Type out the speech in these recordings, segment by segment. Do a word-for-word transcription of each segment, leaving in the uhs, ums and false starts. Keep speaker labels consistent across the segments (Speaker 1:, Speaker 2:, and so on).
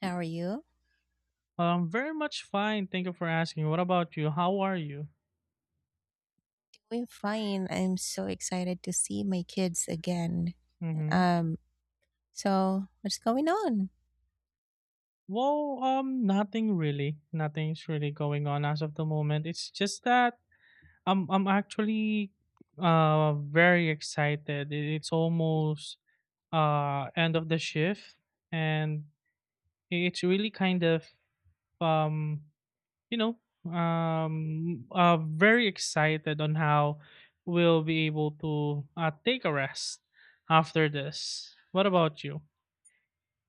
Speaker 1: How are you?
Speaker 2: Um, very much fine. Thank you for asking. What about you? How are you?
Speaker 1: Doing fine. I'm so excited to see my kids again.
Speaker 2: Mm-hmm.
Speaker 1: Um, so what's going on?
Speaker 2: Well, um, nothing really. Nothing's really going on as of the moment. It's just that I'm I'm actually uh very excited. It- It's almost uh end of the shift, and it's really kind of um you know, um, uh, very excited on how we'll be able to uh, take a rest after this. What about you?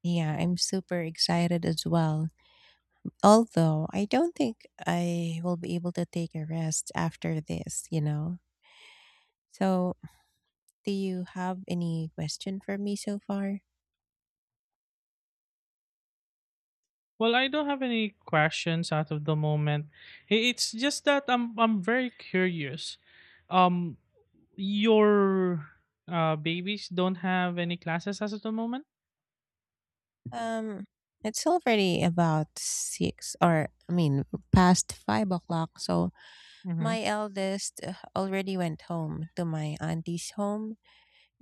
Speaker 1: Yeah, I'm super excited as well. Although I don't think I will be able to take a rest after this, you know. So, do you have any question for me so far?
Speaker 2: Well, I don't have any questions out of the moment. I- It's just that I'm I'm very curious. Um, your uh, babies don't have any classes as of the moment.
Speaker 1: Um, it's already about six, or I mean, past five o'clock. So
Speaker 2: Mm-hmm.
Speaker 1: my eldest uh, already went home to my auntie's home.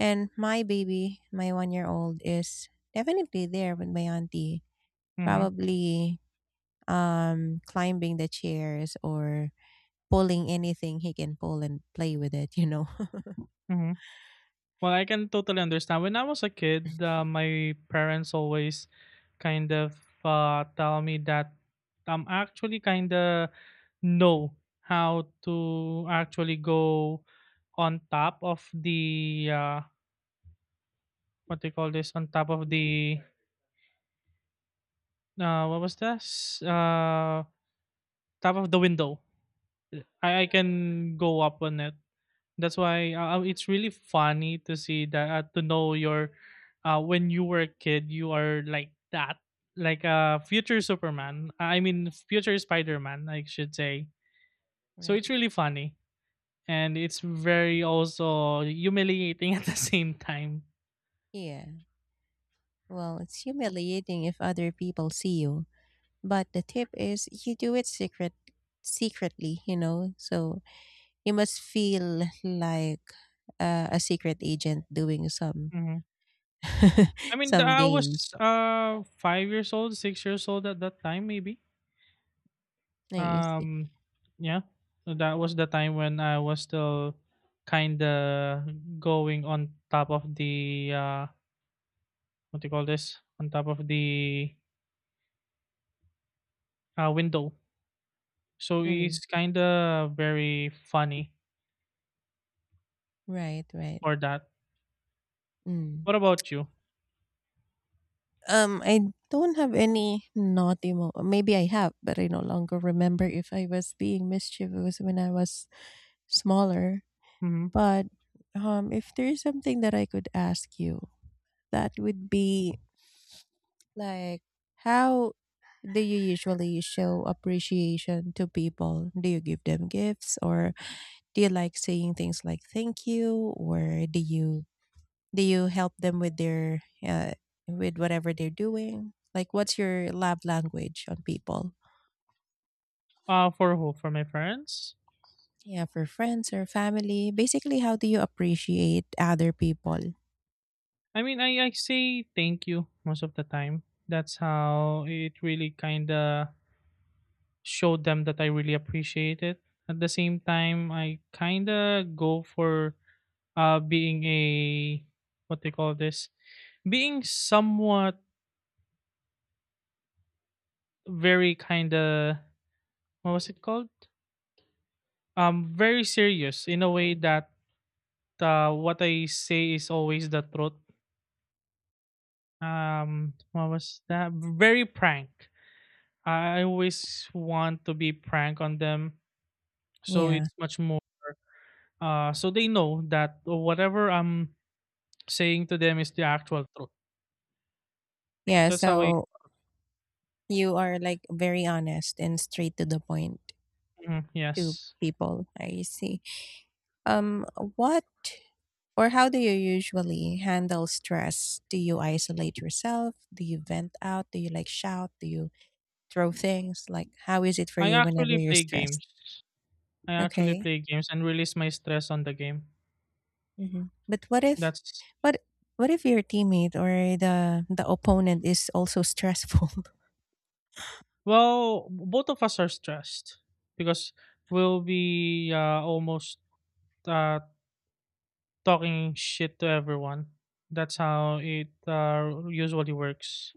Speaker 1: And my baby, my one year old, is definitely there with my auntie,
Speaker 2: Mm-hmm.
Speaker 1: probably um, climbing the chairs or pulling anything he can pull and play with it, you know.
Speaker 2: Mm-hmm. Well, I can totally understand. When I was a kid, uh, my parents always kind of uh, tell me that I'm actually kind of know how to actually go on top of the uh, what do you call this? On top of the uh, what was this? Uh, top of the window. I, I can go up on it. That's why uh, it's really funny to see that uh, to know your uh when you were a kid you are like that like a uh, future Superman, I mean future Spider-Man I should say. So it's
Speaker 1: Right.
Speaker 2: really funny and it's very also humiliating at the same time.
Speaker 1: Yeah. Well, it's humiliating if other people see you. But the tip is you do it secret secretly, you know. So you must feel like uh, a secret agent doing some
Speaker 2: Mhm. I mean,
Speaker 1: some
Speaker 2: I
Speaker 1: games.
Speaker 2: was uh five years old, six years old at that time, maybe.
Speaker 1: No, you see.
Speaker 2: Um, yeah, that was the time when I was still kind of going on top of the uh, what do you call this? On top of the uh, window. So
Speaker 1: Mm.
Speaker 2: it's kind of very funny
Speaker 1: Right, right.
Speaker 2: for that.
Speaker 1: Mm.
Speaker 2: What about you?
Speaker 1: Um, I don't have any naughty mo. Maybe I have, but I no longer remember if I was being mischievous when I was smaller.
Speaker 2: Mm-hmm.
Speaker 1: But, um, if there is something that I could ask you, that would be like, how do you usually show appreciation to people? Do you give them gifts or do you like saying things like thank you, or do you do you help them with their uh, with whatever they're doing? Like, what's your love language on people?
Speaker 2: Uh, for who? For my friends?
Speaker 1: Yeah, for friends or family. Basically, how do you appreciate other people?
Speaker 2: I mean, I, I say thank you most of the time. That's how it really kind of showed them that I really appreciate it. At the same time, I kind of go for uh, being a what they call this, being somewhat very kind of what was it called? Um, very serious in a way that uh, what I say is always the truth. Um, what was that? Very prank. I always want to be prank on them, so
Speaker 1: Yeah.
Speaker 2: it's much more uh, so they know that whatever I'm saying to them is the actual truth.
Speaker 1: Yeah,
Speaker 2: That's how I
Speaker 1: so you are like very honest and straight to the point
Speaker 2: mhm,
Speaker 1: to
Speaker 2: yes.
Speaker 1: people. I see. Um what or how do you usually handle stress? Do you isolate yourself? Do you vent out? Do you like shout? Do you throw things? Like, how is it for
Speaker 2: I
Speaker 1: you whenever
Speaker 2: actually
Speaker 1: you're
Speaker 2: play
Speaker 1: stressed?
Speaker 2: games. I actually
Speaker 1: Okay.
Speaker 2: play games and release my stress on the game.
Speaker 1: hmm But what if
Speaker 2: That's
Speaker 1: what what if your teammate or the the opponent is also stressful?
Speaker 2: well, both of us are stressed because we'll be uh, almost uh, talking shit to everyone. That's how it uh, usually works.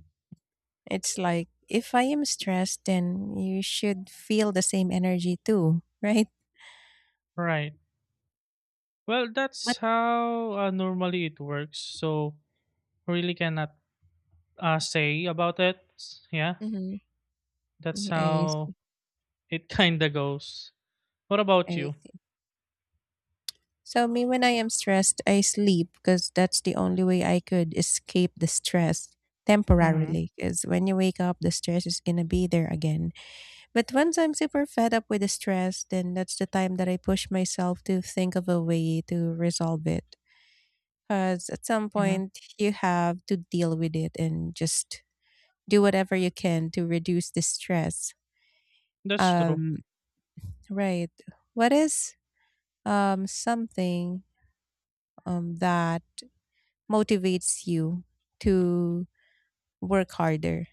Speaker 1: It's like, if I am stressed, then you should feel the same energy too, right?
Speaker 2: Right. Well,
Speaker 1: But
Speaker 2: that's how uh, normally it works. So really cannot uh, say about it. Yeah,
Speaker 1: hmm
Speaker 2: that's
Speaker 1: I,
Speaker 2: how
Speaker 1: s-
Speaker 2: it kinda goes. What about
Speaker 1: I
Speaker 2: you?
Speaker 1: see. So me, when I am stressed, I sleep because that's the only way I could escape the stress
Speaker 2: Mhm,
Speaker 1: temporarily. Because when you wake up, the stress is gonna be there again. But once I'm super fed up with the stress, then that's the time that I push myself to think of a way to resolve it. Because at some
Speaker 2: mhm.
Speaker 1: point, you have to deal with it and just do whatever you can to reduce the stress.
Speaker 2: That's true.
Speaker 1: Um, right. What is um, something um, that motivates you to work harder?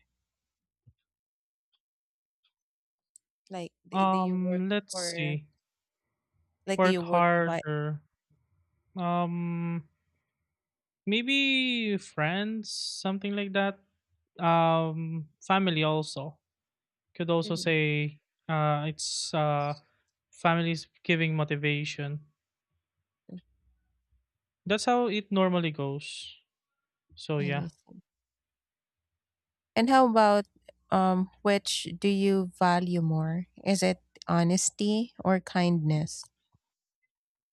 Speaker 1: Like, d- do you work
Speaker 2: Um, let's
Speaker 1: for,
Speaker 2: see.
Speaker 1: like, do
Speaker 2: Work
Speaker 1: you work to buy?
Speaker 2: harder. Um, Maybe friends, something like that. Um, family also. Could also
Speaker 1: Mhm.
Speaker 2: say uh it's uh families giving motivation. That's how it normally goes. So
Speaker 1: I
Speaker 2: yeah.
Speaker 1: see. And how about, um, which do you value more? Is it honesty or kindness?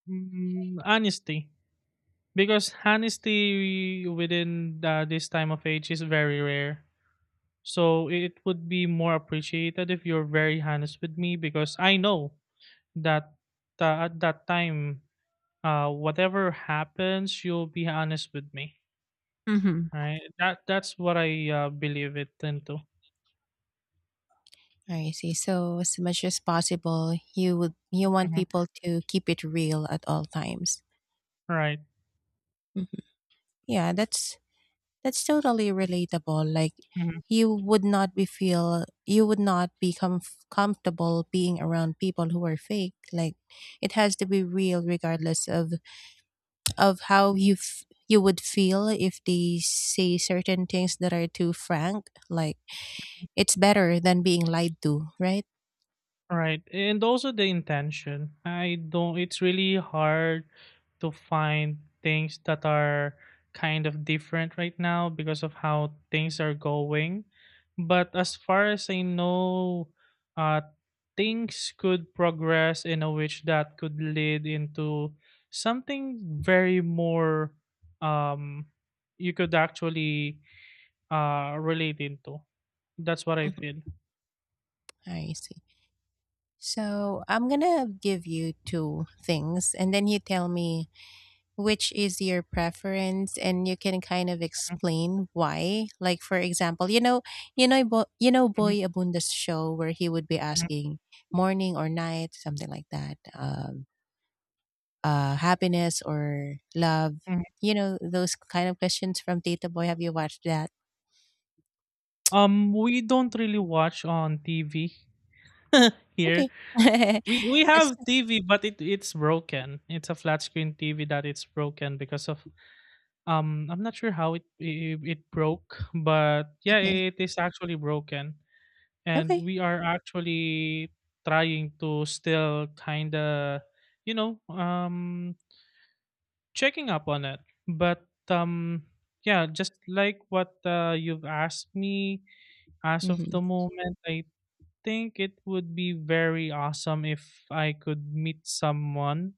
Speaker 2: Mm, honesty. Because honesty within uh, this time of age is very rare. So it would be more appreciated if you're very honest with me because I know that uh, at that time, uh, whatever happens, you'll be honest with me.
Speaker 1: Mhm.
Speaker 2: Right? That that's what I uh, believe it into.
Speaker 1: I see. So as much as possible, you would you want
Speaker 2: Mhm.
Speaker 1: people to keep it real at all times.
Speaker 2: Right.
Speaker 1: Mhm. Yeah, that's That's totally relatable. Like,
Speaker 2: Mhm.
Speaker 1: you would not be feel you would not be comf- comfortable being around people who are fake. Like, it has to be real regardless of of how you f- you would feel if they say certain things that are too frank. Like, it's better than being lied to, right?
Speaker 2: Right. And also the intention. I don't. It's really hard to find things that are kind of different right now because of how things are going. But as far as I know, uh, things could progress in a which that could lead into something very more um you could actually uh relate into. That's what I
Speaker 1: Mhm.
Speaker 2: feel.
Speaker 1: I see. So I'm gonna give you two things, and then you tell me which is your preference, and you can kind of explain why. Like, for example, you know, you know Bo- you know,
Speaker 2: Mhm,
Speaker 1: Boy Abunda's show, where he would be
Speaker 2: mhm,
Speaker 1: asking morning or night, something like that. um uh happiness or love,
Speaker 2: mhm.
Speaker 1: you know, those kind of questions from Tita Boy. Have you watched that?
Speaker 2: Um we don't really watch on TV here.
Speaker 1: Okay.
Speaker 2: We we
Speaker 1: That's
Speaker 2: have TV but it it's broken. It's a flat screen TV that it's broken because of um I'm not sure how it it, it broke, but yeah,
Speaker 1: okay.
Speaker 2: it is actually broken, and
Speaker 1: Okay.
Speaker 2: we are actually trying to still kind of you know um checking up on it. But um yeah, just like what uh, you've asked me, as of
Speaker 1: Hmm.
Speaker 2: the moment I think it would be very awesome if I could meet someone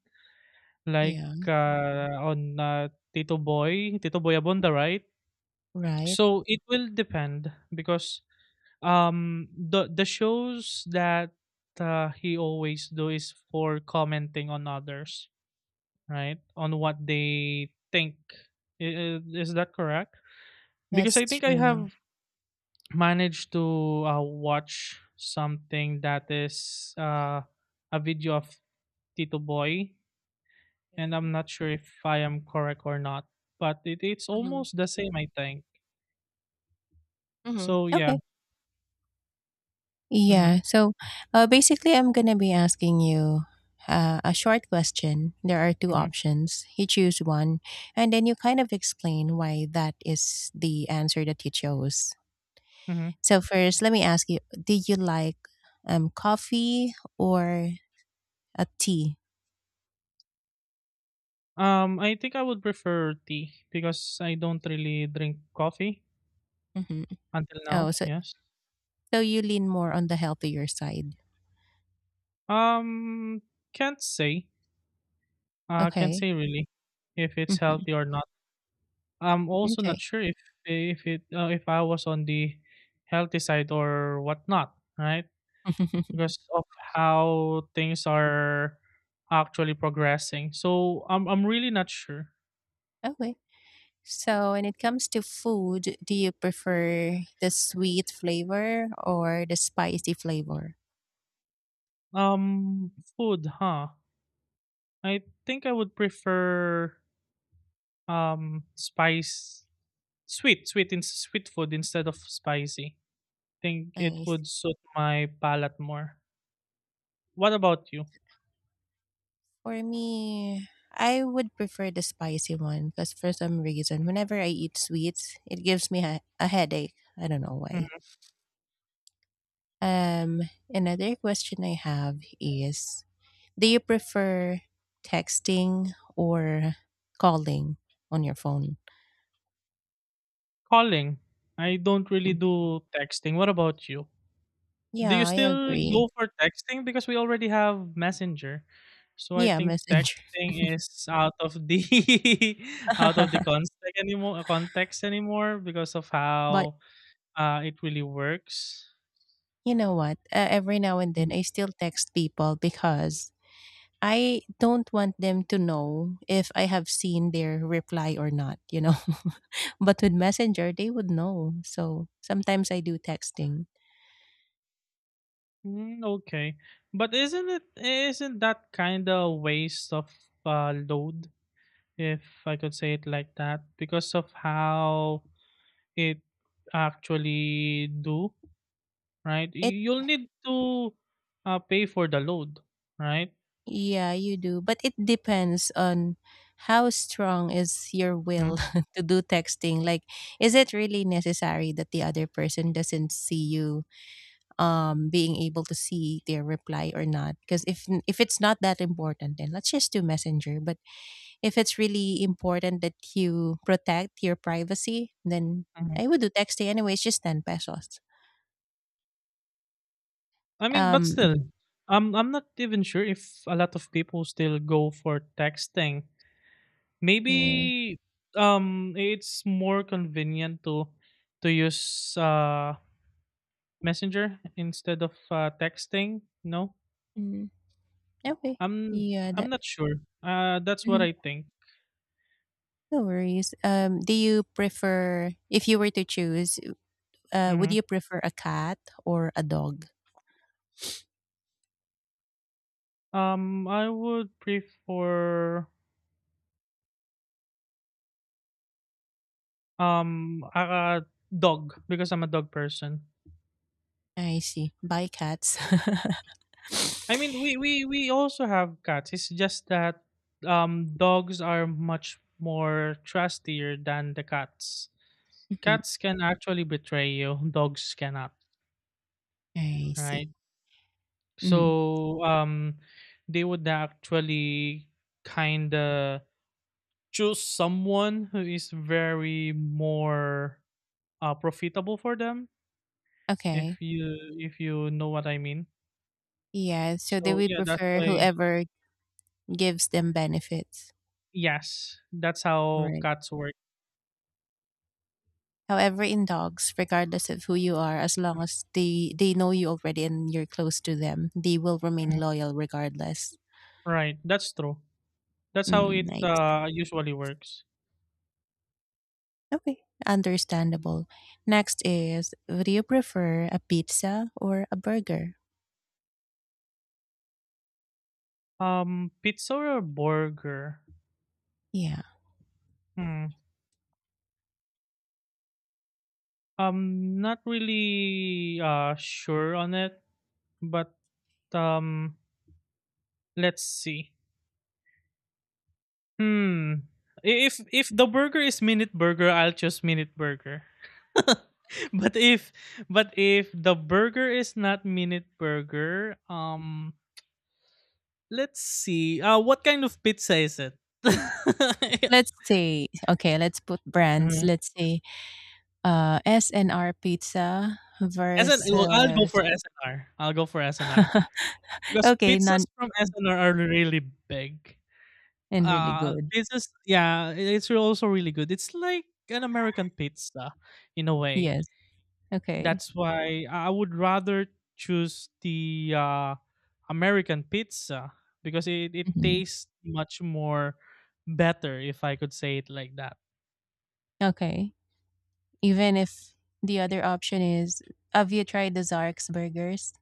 Speaker 2: like
Speaker 1: Yeah.
Speaker 2: uh, on uh, tito boy tito boy abonda, right?
Speaker 1: Right.
Speaker 2: So it will depend because um the the shows that uh, he always do is for commenting on others, right, on what they think. I- i- is that correct? Because
Speaker 1: That's
Speaker 2: I think I
Speaker 1: true.
Speaker 2: have managed to uh, watch something that is uh, a video of tito boy, and I'm
Speaker 1: Okay.
Speaker 2: not sure if I am correct or not, but it, it's
Speaker 1: Hmm.
Speaker 2: almost the same I think.
Speaker 1: Hmm.
Speaker 2: So yeah. Mm-hmm,
Speaker 1: Yeah. So uh, basically, I'm going to be asking you uh, a short question. There are two
Speaker 2: mm-hmm,
Speaker 1: options. You choose one, and then you kind of explain why that is the answer that you chose.
Speaker 2: mm-hmm.
Speaker 1: So, first, let me ask you, did you like um, coffee or a tea?
Speaker 2: Um, I think I would prefer tea because I don't really drink coffee
Speaker 1: Hmm.
Speaker 2: until
Speaker 1: Oh,
Speaker 2: now.
Speaker 1: so,
Speaker 2: Yes.
Speaker 1: so you lean more on the healthier side.
Speaker 2: Um, can't say. Uh, can't
Speaker 1: Okay.
Speaker 2: say really if it's
Speaker 1: Hmm.
Speaker 2: healthy or not. I'm also
Speaker 1: Okay.
Speaker 2: not sure if if it uh, if I was on the healthy side or whatnot, right? Because of how things are actually progressing. So I'm I'm really not sure.
Speaker 1: Okay. So, when it comes to food, do you prefer the sweet flavor or the spicy flavor?
Speaker 2: Um, Food, huh? I think I would prefer um spice sweet sweet in sweet food instead of spicy. Think it
Speaker 1: I,
Speaker 2: would suit my palate more. What about you?
Speaker 1: for me, I would prefer the spicy one because for some reason, whenever I eat sweets, it gives me a, a headache. I don't know why.
Speaker 2: Mhm.
Speaker 1: Um, another question I have is, do you prefer texting or calling on your phone?
Speaker 2: Calling. I don't really
Speaker 1: Mm.
Speaker 2: do texting. What about you? Do you
Speaker 1: Yeah, I
Speaker 2: still
Speaker 1: agree.
Speaker 2: go for texting because we already have Messenger? So I
Speaker 1: Yeah,
Speaker 2: think
Speaker 1: messenger.
Speaker 2: texting is out of the out of the context anymore context anymore because of
Speaker 1: But
Speaker 2: how uh, it really works.
Speaker 1: you know what? Uh, every now and then,
Speaker 2: Mm-hmm.
Speaker 1: I still text people because I don't want them to know if I have seen their reply or not, you know? But with Messenger, they would know. So sometimes I do texting.
Speaker 2: Mm, okay, but isn't it isn't that kind of waste of uh, load, if I could say it like that, because of how it actually do, right?
Speaker 1: It,
Speaker 2: You- You'll need to uh, pay for the load, right?
Speaker 1: yeah, you do. But it depends on how strong is your will
Speaker 2: Mhm,
Speaker 1: to do texting. Like, is it really necessary that the other person doesn't see you um being able to see their reply or not? Because if if it's not that important, then let's just do messenger. But if it's really important that you protect your privacy, then
Speaker 2: mhm.
Speaker 1: I would do texting anyway. It's just ten pesos.
Speaker 2: I mean, but
Speaker 1: um
Speaker 2: still, I'm I'm not even sure if a lot of people still go for texting.
Speaker 1: yeah.
Speaker 2: Maybe um it's more convenient to to use uh Messenger instead of uh, texting, no?
Speaker 1: Mm, okay.
Speaker 2: I'm
Speaker 1: Yeah,
Speaker 2: I'm
Speaker 1: that.
Speaker 2: not sure. Uh, that's what
Speaker 1: Mhm,
Speaker 2: I think.
Speaker 1: no worries. Um do you prefer, if you were to choose, uh, would
Speaker 2: Mhm.
Speaker 1: you prefer a cat or a dog?
Speaker 2: Um, I would prefer um, a a dog because I'm a dog person.
Speaker 1: I see. By cats.
Speaker 2: I mean, we we we also have cats. It's just that, um, dogs are much more trustier than the cats.
Speaker 1: Hmm.
Speaker 2: Cats can actually betray you. Dogs cannot,
Speaker 1: I see.
Speaker 2: right?
Speaker 1: Hmm.
Speaker 2: So um, they would actually kind of choose someone who is very more uh, profitable for them.
Speaker 1: Okay.
Speaker 2: If you if you know what I mean.
Speaker 1: Yeah. So they
Speaker 2: So
Speaker 1: would
Speaker 2: yeah, that's
Speaker 1: prefer
Speaker 2: why.
Speaker 1: whoever gives them benefits.
Speaker 2: Yes, that's how
Speaker 1: Right.
Speaker 2: cats work.
Speaker 1: However, in dogs, regardless of who you are, as long as they they know you already and you're close to them, they will remain loyal regardless.
Speaker 2: Right, that's true. That's how
Speaker 1: Mm,
Speaker 2: it
Speaker 1: nice.
Speaker 2: uh, usually works.
Speaker 1: Okay, understandable. Next is, would you prefer a pizza or a burger?
Speaker 2: Um, pizza or burger?
Speaker 1: Yeah.
Speaker 2: Hmm. I'm not really uh sure on it, but um, let's see. Hmm. I- If if the burger is minute burger, I'll choose minute burger. but if but if the burger is not minute burger, um let's see. Uh what kind of pizza is it?
Speaker 1: Let's say, okay, let's put brands.
Speaker 2: Mhm.
Speaker 1: Let's say, uh, S N R Pizza
Speaker 2: S N
Speaker 1: versus
Speaker 2: well, I'll go for S N will go for S N R. Because
Speaker 1: okay,
Speaker 2: pizzas
Speaker 1: none
Speaker 2: from S N R are really big.
Speaker 1: and really
Speaker 2: Uh
Speaker 1: good.
Speaker 2: pizzas, yeah, it's also really good. It's like an American pizza in a way.
Speaker 1: Yes. Okay.
Speaker 2: That's why I would rather choose the uh, American pizza because it, it
Speaker 1: Mhm.
Speaker 2: tastes much more better, if I could say it like that.
Speaker 1: Okay. Even if the other option is, have you tried the Zark's burgers?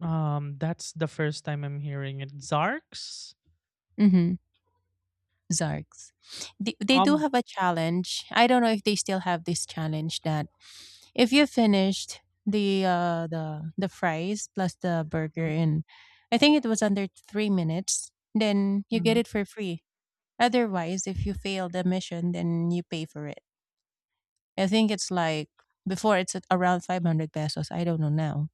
Speaker 2: Um, that's the first time I'm hearing it. Zarks?
Speaker 1: Mm-hmm. Zark's. They, they do
Speaker 2: Um,
Speaker 1: have a challenge. I don't know if they still have this challenge that if you finished the uh the the fries plus the burger
Speaker 2: mm,
Speaker 1: in, I think it was under three minutes, then you get
Speaker 2: mhm.
Speaker 1: it for free. Otherwise, if you fail the mission, then you pay for it. I think it's like before, it's at around five hundred pesos. I don't know now.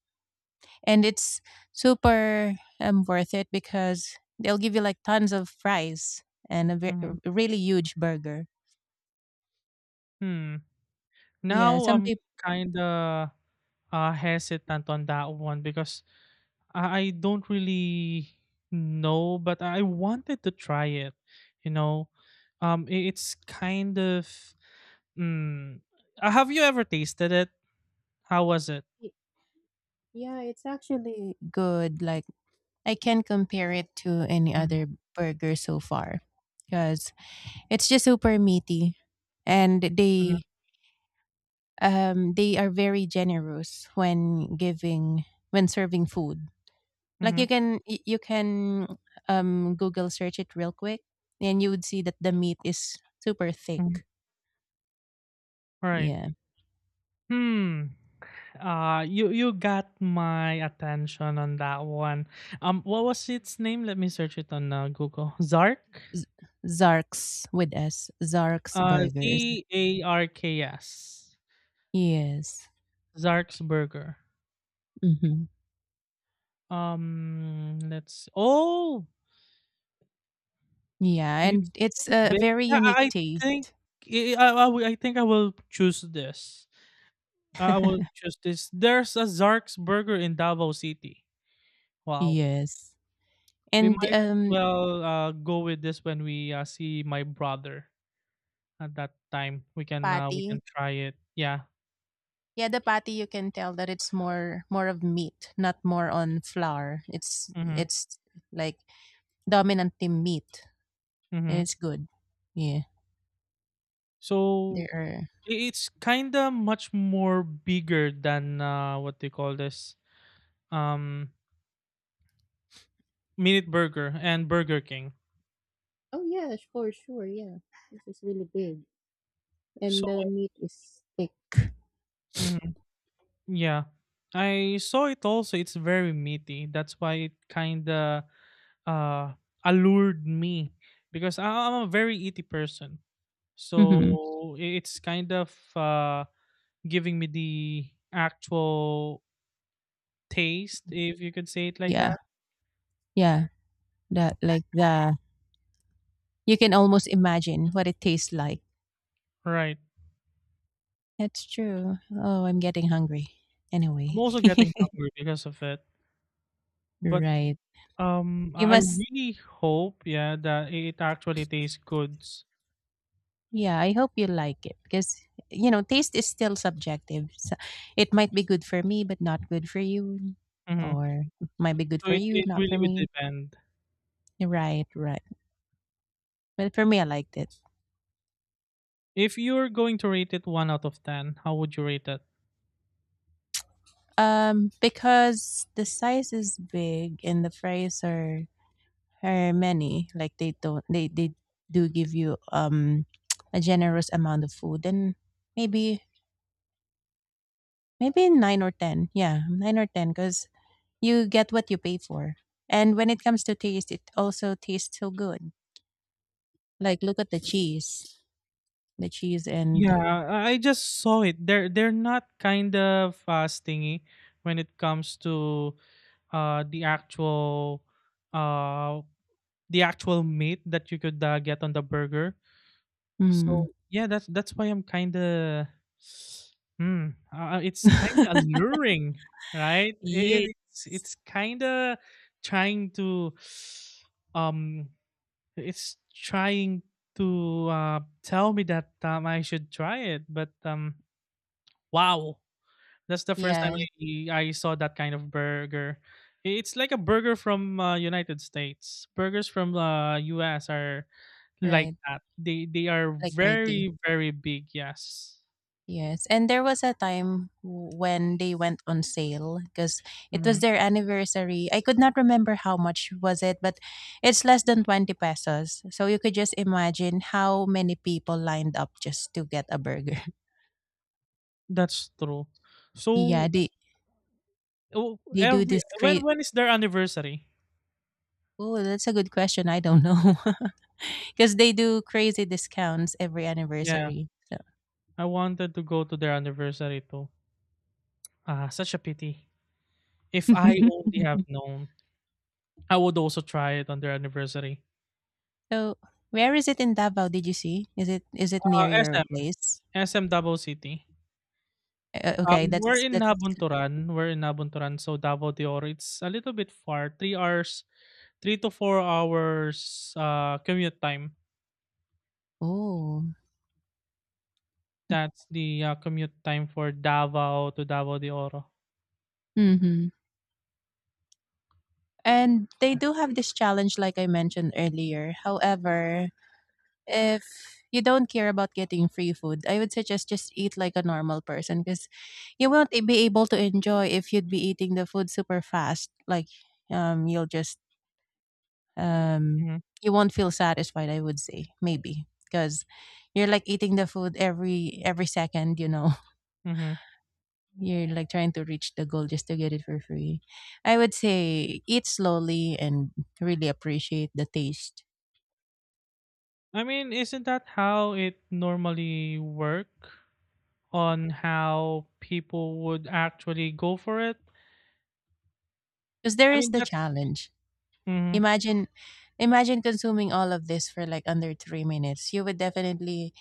Speaker 1: And it's super um, worth it because they'll give you like tons of fries and a, ve-
Speaker 2: Mm-hmm.
Speaker 1: a really huge burger.
Speaker 2: Hmm.
Speaker 1: Yeah,
Speaker 2: Now
Speaker 1: some
Speaker 2: I'm
Speaker 1: people
Speaker 2: kind of uh, hesitant on that one because I I don't really know, but I wanted to try it. You know, um, i- it's kind of. Mm, uh, have you ever tasted it? How was it?
Speaker 1: yeah, it's actually good. Like, I can't compare it to any other
Speaker 2: Mm-hmm,
Speaker 1: burger so far, because it's just super meaty, and they
Speaker 2: mm-hmm,
Speaker 1: um they are very generous when giving, when serving food. Like,
Speaker 2: mm-hmm,
Speaker 1: you can y- you can um Google search it real quick, and you would see that the meat is super
Speaker 2: hmm.
Speaker 1: thick.
Speaker 2: Right.
Speaker 1: Yeah.
Speaker 2: Hmm. Uh, you you got my attention on that one. Um, what was its name? Let me search it on uh, Google. Zark.
Speaker 1: Z- Zark's with S. Zark's
Speaker 2: Uh,
Speaker 1: burgers.
Speaker 2: Z A R K S.
Speaker 1: Yes.
Speaker 2: Zark's Burger.
Speaker 1: Hmm.
Speaker 2: Um, let's. Oh,
Speaker 1: Yeah,
Speaker 2: it's
Speaker 1: and it's a
Speaker 2: big.
Speaker 1: very
Speaker 2: Yeah,
Speaker 1: unique
Speaker 2: I think
Speaker 1: taste.
Speaker 2: I I I will I think I will choose this. I will choose this. There's a Zark's Burger in Davao City. Wow.
Speaker 1: Yes.
Speaker 2: We
Speaker 1: And
Speaker 2: might as
Speaker 1: um
Speaker 2: well uh, go with this when we uh, see my brother at that time. We can uh, we
Speaker 1: patty.
Speaker 2: can try it. Yeah.
Speaker 1: Yeah, the patty, you can tell that it's more more of meat, not more on flour. It's
Speaker 2: Mhm.
Speaker 1: it's like dominantly meat, and
Speaker 2: Mhm.
Speaker 1: it's good. Yeah. There
Speaker 2: So
Speaker 1: are
Speaker 2: i- it's kind of much more bigger than uh, what they call this, um Minute Burger and Burger King.
Speaker 1: oh yeah, sure, sure, yeah. This is really big, and
Speaker 2: So
Speaker 1: the meat is thick.
Speaker 2: mm-hmm. Yeah. I saw it also. It's very meaty. That's why it kind of uh, allured me because I- I'm a very eaty person.
Speaker 1: Mm-hmm.
Speaker 2: So i- it's kind of uh, giving me the actual taste, if you could say it like
Speaker 1: Yeah,
Speaker 2: that.
Speaker 1: yeah. That like the you can almost imagine what it tastes like.
Speaker 2: Right.
Speaker 1: That's true. Oh, I'm getting hungry.
Speaker 2: I'm
Speaker 1: Anyway,
Speaker 2: also getting hungry because of it. But
Speaker 1: right.
Speaker 2: um,
Speaker 1: You
Speaker 2: I
Speaker 1: must.
Speaker 2: really hope, yeah, that it actually tastes good.
Speaker 1: Yeah, I hope you like it because, you know, taste is still subjective. So, it might be good for me, but not good for you,
Speaker 2: Hmm.
Speaker 1: or it might be good
Speaker 2: So
Speaker 1: for
Speaker 2: it,
Speaker 1: you,
Speaker 2: it
Speaker 1: not for
Speaker 2: really would
Speaker 1: me.
Speaker 2: depend.
Speaker 1: Right, right. But for me, I liked it.
Speaker 2: If you're going to rate it one out of ten, how would you rate it?
Speaker 1: Um, because the size is big and the fries are are many. Like, they don't they they do give you um a generous amount of food. Then maybe maybe nine or ten. Yeah, nine or ten, because you get what you pay for. And when it comes to taste, it also tastes so good. Like, look at the cheese, the cheese and
Speaker 2: Yeah, I I just saw it. They're they're not kind of uh, stingy when it comes to uh the actual uh the actual meat that you could uh, get on the burger.
Speaker 1: mm.
Speaker 2: So yeah, that's that's why I'm kind of hmm. Uh, uh, it's kind of alluring, right? It,
Speaker 1: Yeah,
Speaker 2: it's it's kind of trying to um It's trying to uh, tell me that um, I should try it, but um, wow, that's the first time
Speaker 1: yeah,
Speaker 2: I, I saw that kind of burger. It's like a burger from uh, United States. Burgers from uh, U S are like
Speaker 1: right,
Speaker 2: that. They they are
Speaker 1: like meaty.
Speaker 2: very very big. Yes,
Speaker 1: Yes, and there was a time w- when they went on sale because it was
Speaker 2: hmm
Speaker 1: their anniversary. I could not remember how much was it, but it's less than twenty pesos. So you could just imagine how many people lined up just to get a burger.
Speaker 2: that's true. So
Speaker 1: Yeah, they
Speaker 2: oh,
Speaker 1: they do
Speaker 2: every
Speaker 1: this
Speaker 2: when
Speaker 1: great.
Speaker 2: when is their anniversary?
Speaker 1: Oh, that's a good question. I don't know. Because they do crazy discounts every
Speaker 2: Yeah,
Speaker 1: anniversary. So.
Speaker 2: I wanted to go to their anniversary too. Ah, such a pity. If I only have known, I would also try it on their anniversary.
Speaker 1: So, where is it in Davao? Did you see? Is it is it near
Speaker 2: Uh,
Speaker 1: your
Speaker 2: SM,
Speaker 1: place?
Speaker 2: S M Davao City.
Speaker 1: Uh, okay,
Speaker 2: Um, we're
Speaker 1: that's
Speaker 2: in
Speaker 1: that's
Speaker 2: Nabunturan. We're in Nabunturan, so Davao de Oro. It's a little bit far, three hours, three to four hours uh, commute time.
Speaker 1: oh,
Speaker 2: That's the uh, commute time for Davao to Davao de Oro.
Speaker 1: mhm. And they
Speaker 2: So,
Speaker 1: do have this challenge like I mentioned earlier. However, if you don't care about getting free food, I would suggest just eat like a normal person, because you won't be able to enjoy if you'd be eating the food super fast. Like, um you'll just um
Speaker 2: mhm,
Speaker 1: you won't feel satisfied, I would say. Maybe because you're like eating the food every every second, you know.
Speaker 2: mhm.
Speaker 1: You're like trying to reach the goal just to get it for free. I would say, eat slowly and really appreciate the taste.
Speaker 2: I mean, isn't that how it normally work on how people would actually go for it?
Speaker 1: Because there
Speaker 2: I
Speaker 1: is
Speaker 2: mean,
Speaker 1: the
Speaker 2: that's.
Speaker 1: challenge.
Speaker 2: Mm-hmm.
Speaker 1: Imagine imagine consuming all of this for like under three minutes. You would definitely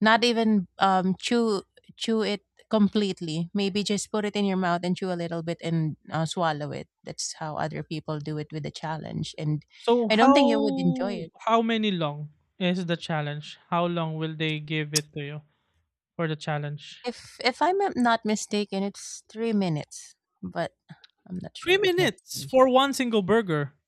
Speaker 1: not even um chew chew it completely. Maybe just put it in your mouth and chew a little bit and uh, swallow it. That's how other people do it with the challenge. And
Speaker 2: So
Speaker 1: I
Speaker 2: how
Speaker 1: don't think you would enjoy it.
Speaker 2: how many long is the challenge? How long will they give it to you for the challenge?
Speaker 1: If if I'm not mistaken, it's three minutes, but I'm not
Speaker 2: Three
Speaker 1: sure. Let's
Speaker 2: minutes
Speaker 1: see.
Speaker 2: for one single burger.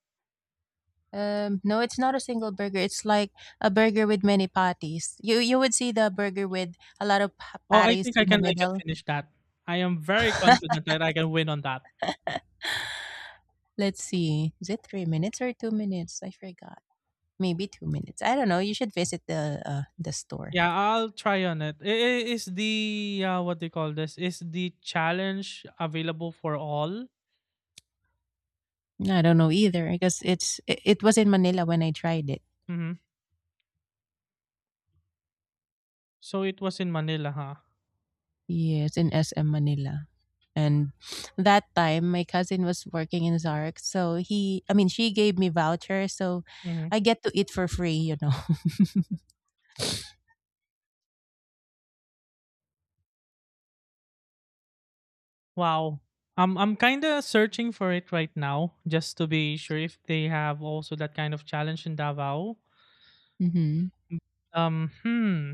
Speaker 1: Um, no, it's not a single burger. It's like a burger with many patties. You you would see the burger with a lot of pa-
Speaker 2: Oh, I
Speaker 1: patties
Speaker 2: think I
Speaker 1: in the
Speaker 2: can I can
Speaker 1: middle.
Speaker 2: finish that. I am very confident that I can win on that.
Speaker 1: Let's see. Is it three minutes or two minutes? I forgot. Maybe two minutes. I don't know. You should visit the uh, the store.
Speaker 2: Yeah, I'll try on it. I- i- Is the uh, what do you call this? Is the challenge available for all?
Speaker 1: I don't know either because it's it, it was in Manila when I tried it.
Speaker 2: Mm-hmm. So it was in Manila, huh?
Speaker 1: Yes, in S M Manila. And that time my cousin was working in Zark, so he I mean she gave me voucher, so
Speaker 2: Mhm.
Speaker 1: I get to eat for free, you know.
Speaker 2: Wow. Um, I'm kind of searching for it right now just to be sure if they have also that kind of challenge in Davao.
Speaker 1: Mm-hmm.
Speaker 2: Um, hmm.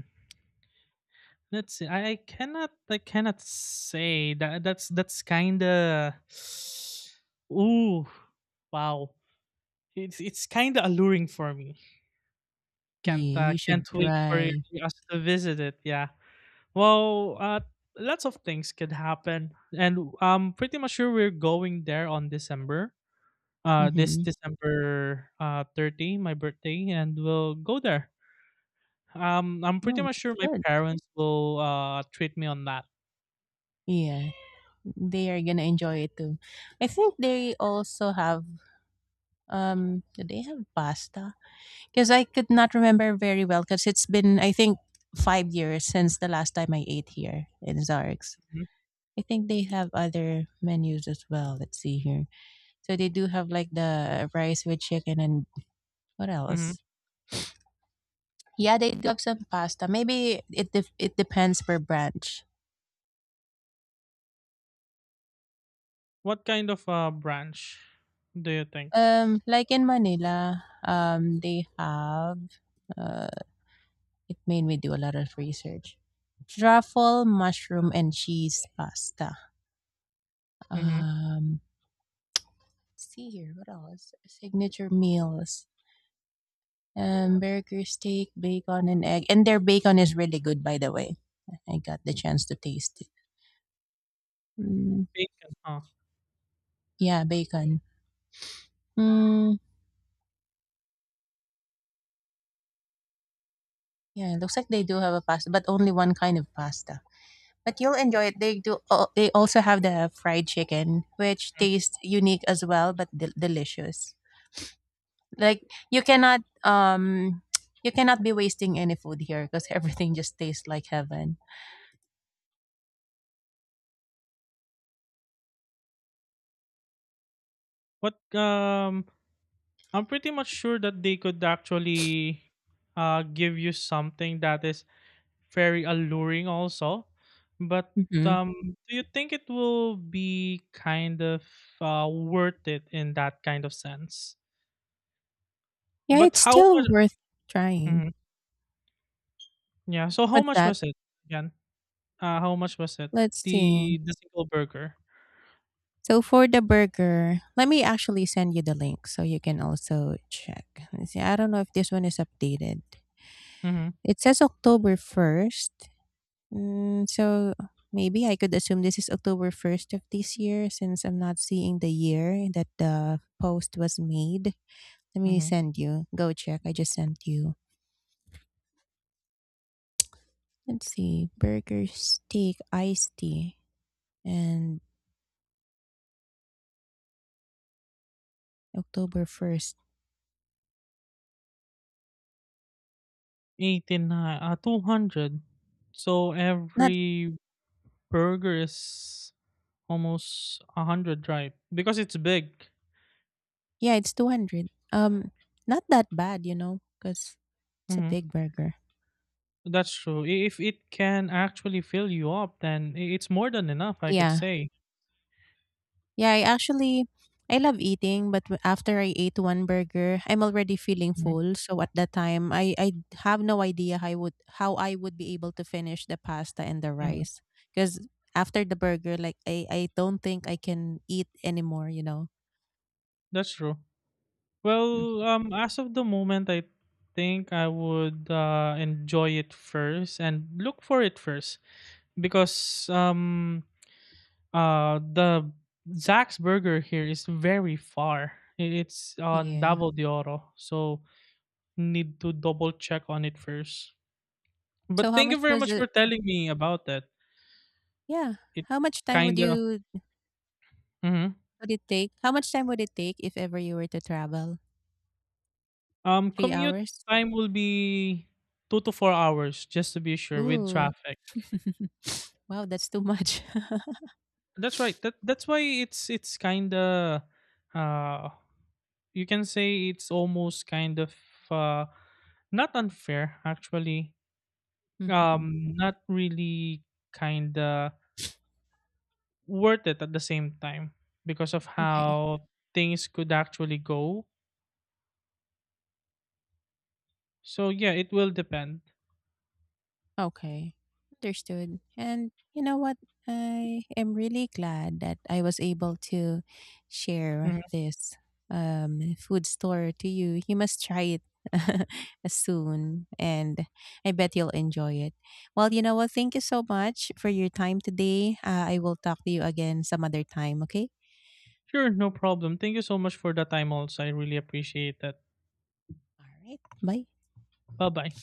Speaker 2: Let's see. I, I cannot. I cannot say that. That's that's kind of. Ooh, wow. It's it's kind of alluring for me. Can't
Speaker 1: Yeah,
Speaker 2: uh,
Speaker 1: you should
Speaker 2: can't wait for
Speaker 1: try.
Speaker 2: us to visit it. Yeah. Well, uh, lots of things could happen, and I'm pretty much sure we're going there on December. Uh this
Speaker 1: Mm-hmm.
Speaker 2: December uh thirty, my birthday, and we'll go there. Um, I'm pretty
Speaker 1: Oh,
Speaker 2: much
Speaker 1: that's
Speaker 2: sure my
Speaker 1: good.
Speaker 2: parents will uh treat me on that.
Speaker 1: Yeah, they are gonna enjoy it too. I think they also have um do they have pasta? Because I could not remember very well because it's been I think five years since the last time I ate here in Zarx.
Speaker 2: Mhm.
Speaker 1: I think they have other menus as well. Let's see here. So they do have like the rice with chicken and what
Speaker 2: Mhm.
Speaker 1: else? Yeah, they do have some pasta. Maybe it def- it depends per branch.
Speaker 2: What kind of uh branch do you think?
Speaker 1: Um, like in Manila, um, they have uh, it made me do a lot of research. Truffle, mushroom, and cheese pasta.
Speaker 2: Mhm.
Speaker 1: Um, let's see here, what else? Signature meals. Um, burger, steak, bacon, and egg. And their bacon is really good, by the way. I got the chance to taste it. Mm,
Speaker 2: Bacon, huh?
Speaker 1: yeah, bacon. Mm, yeah, it looks like they do have a pasta, but only one kind of pasta. But you'll enjoy it. They do. al- They also have the fried chicken, which
Speaker 2: Mhm.
Speaker 1: tastes unique as well, but del- delicious. Like you cannot um you cannot be wasting any food here because everything just tastes like heaven.
Speaker 2: What um I'm pretty much sure that they could actually uh give you something that is very alluring also, but
Speaker 1: Hmm.
Speaker 2: um do you think it will be kind of uh, worth it in that kind of sense,
Speaker 1: Yeah,
Speaker 2: but
Speaker 1: it's
Speaker 2: how
Speaker 1: still
Speaker 2: much?
Speaker 1: worth trying.
Speaker 2: Mhm, yeah, so how
Speaker 1: What's
Speaker 2: much
Speaker 1: that?
Speaker 2: was it again? Uh how much was it,
Speaker 1: Let's see.
Speaker 2: the the single burger?
Speaker 1: So for the burger, let me actually send you the link so you can also check. Let's see, I don't know if this one is updated.
Speaker 2: Mm-hmm,
Speaker 1: It says October first. Mm, so maybe I could assume this is October first of this year since I'm not seeing the year that the post was made. Let me
Speaker 2: mm-hmm.
Speaker 1: send you. Go check. I just sent you. Let's see. Burger, steak, iced tea, and October first.
Speaker 2: eighty-nine uh two hundred, so
Speaker 1: Not,
Speaker 2: every burger is almost one hundred, right, because it's big.
Speaker 1: yeah, it's two hundred. Um, not that bad, you know, because it's a
Speaker 2: Mm-hmm.
Speaker 1: big burger.
Speaker 2: That's true. I- If it can actually fill you up, then i- it's more than enough, I could
Speaker 1: Yeah.
Speaker 2: say.
Speaker 1: Yeah, I actually, I love eating, but w- after I ate one burger, I'm already feeling
Speaker 2: Mhm,
Speaker 1: full. So at that time, I I have no idea how I would, how I would be able to finish the pasta and the
Speaker 2: mhm.
Speaker 1: rice, because after the burger, like I I don't think I can eat anymore. You know.
Speaker 2: That's true.
Speaker 1: Mhm.
Speaker 2: Well, um, as of the moment, I think I would uh, enjoy it first and look for it first because um, uh, the Zack's Burger here is very far. I- It's on
Speaker 1: Yeah.
Speaker 2: Davao de Oro, so need to double check on it first.
Speaker 1: So
Speaker 2: But
Speaker 1: how
Speaker 2: thank
Speaker 1: much
Speaker 2: you very
Speaker 1: was
Speaker 2: much
Speaker 1: it?
Speaker 2: for telling me about that.
Speaker 1: Yeah.
Speaker 2: It
Speaker 1: How much time would
Speaker 2: kinda.
Speaker 1: you,
Speaker 2: Mhm.
Speaker 1: would it take? How much time would it take if ever you were to travel?
Speaker 2: Um,
Speaker 1: Three
Speaker 2: commute
Speaker 1: hours?
Speaker 2: time will be two to four hours, just to be sure, with
Speaker 1: Ooh.
Speaker 2: traffic.
Speaker 1: Wow, that's too much.
Speaker 2: That's right. That that's why it's it's kind of, uh, you can say it's almost kind of, uh, not unfair actually.
Speaker 1: Hmm.
Speaker 2: Um, not really kind of worth it at the same time because of
Speaker 1: Okay.
Speaker 2: how things could actually go. So yeah, it will depend.
Speaker 1: Okay, understood. And you know what? I am really glad that I was able to share
Speaker 2: Mhm.
Speaker 1: this um, food store to you. You must try it soon, and I bet you'll enjoy it. Well, you know what? Thank you so much for your time today. Uh, I will talk to you again some other time, okay?
Speaker 2: Sure, no problem. Thank you so much for the time. Also, I really appreciate that.
Speaker 1: All right, bye.
Speaker 2: Bye bye.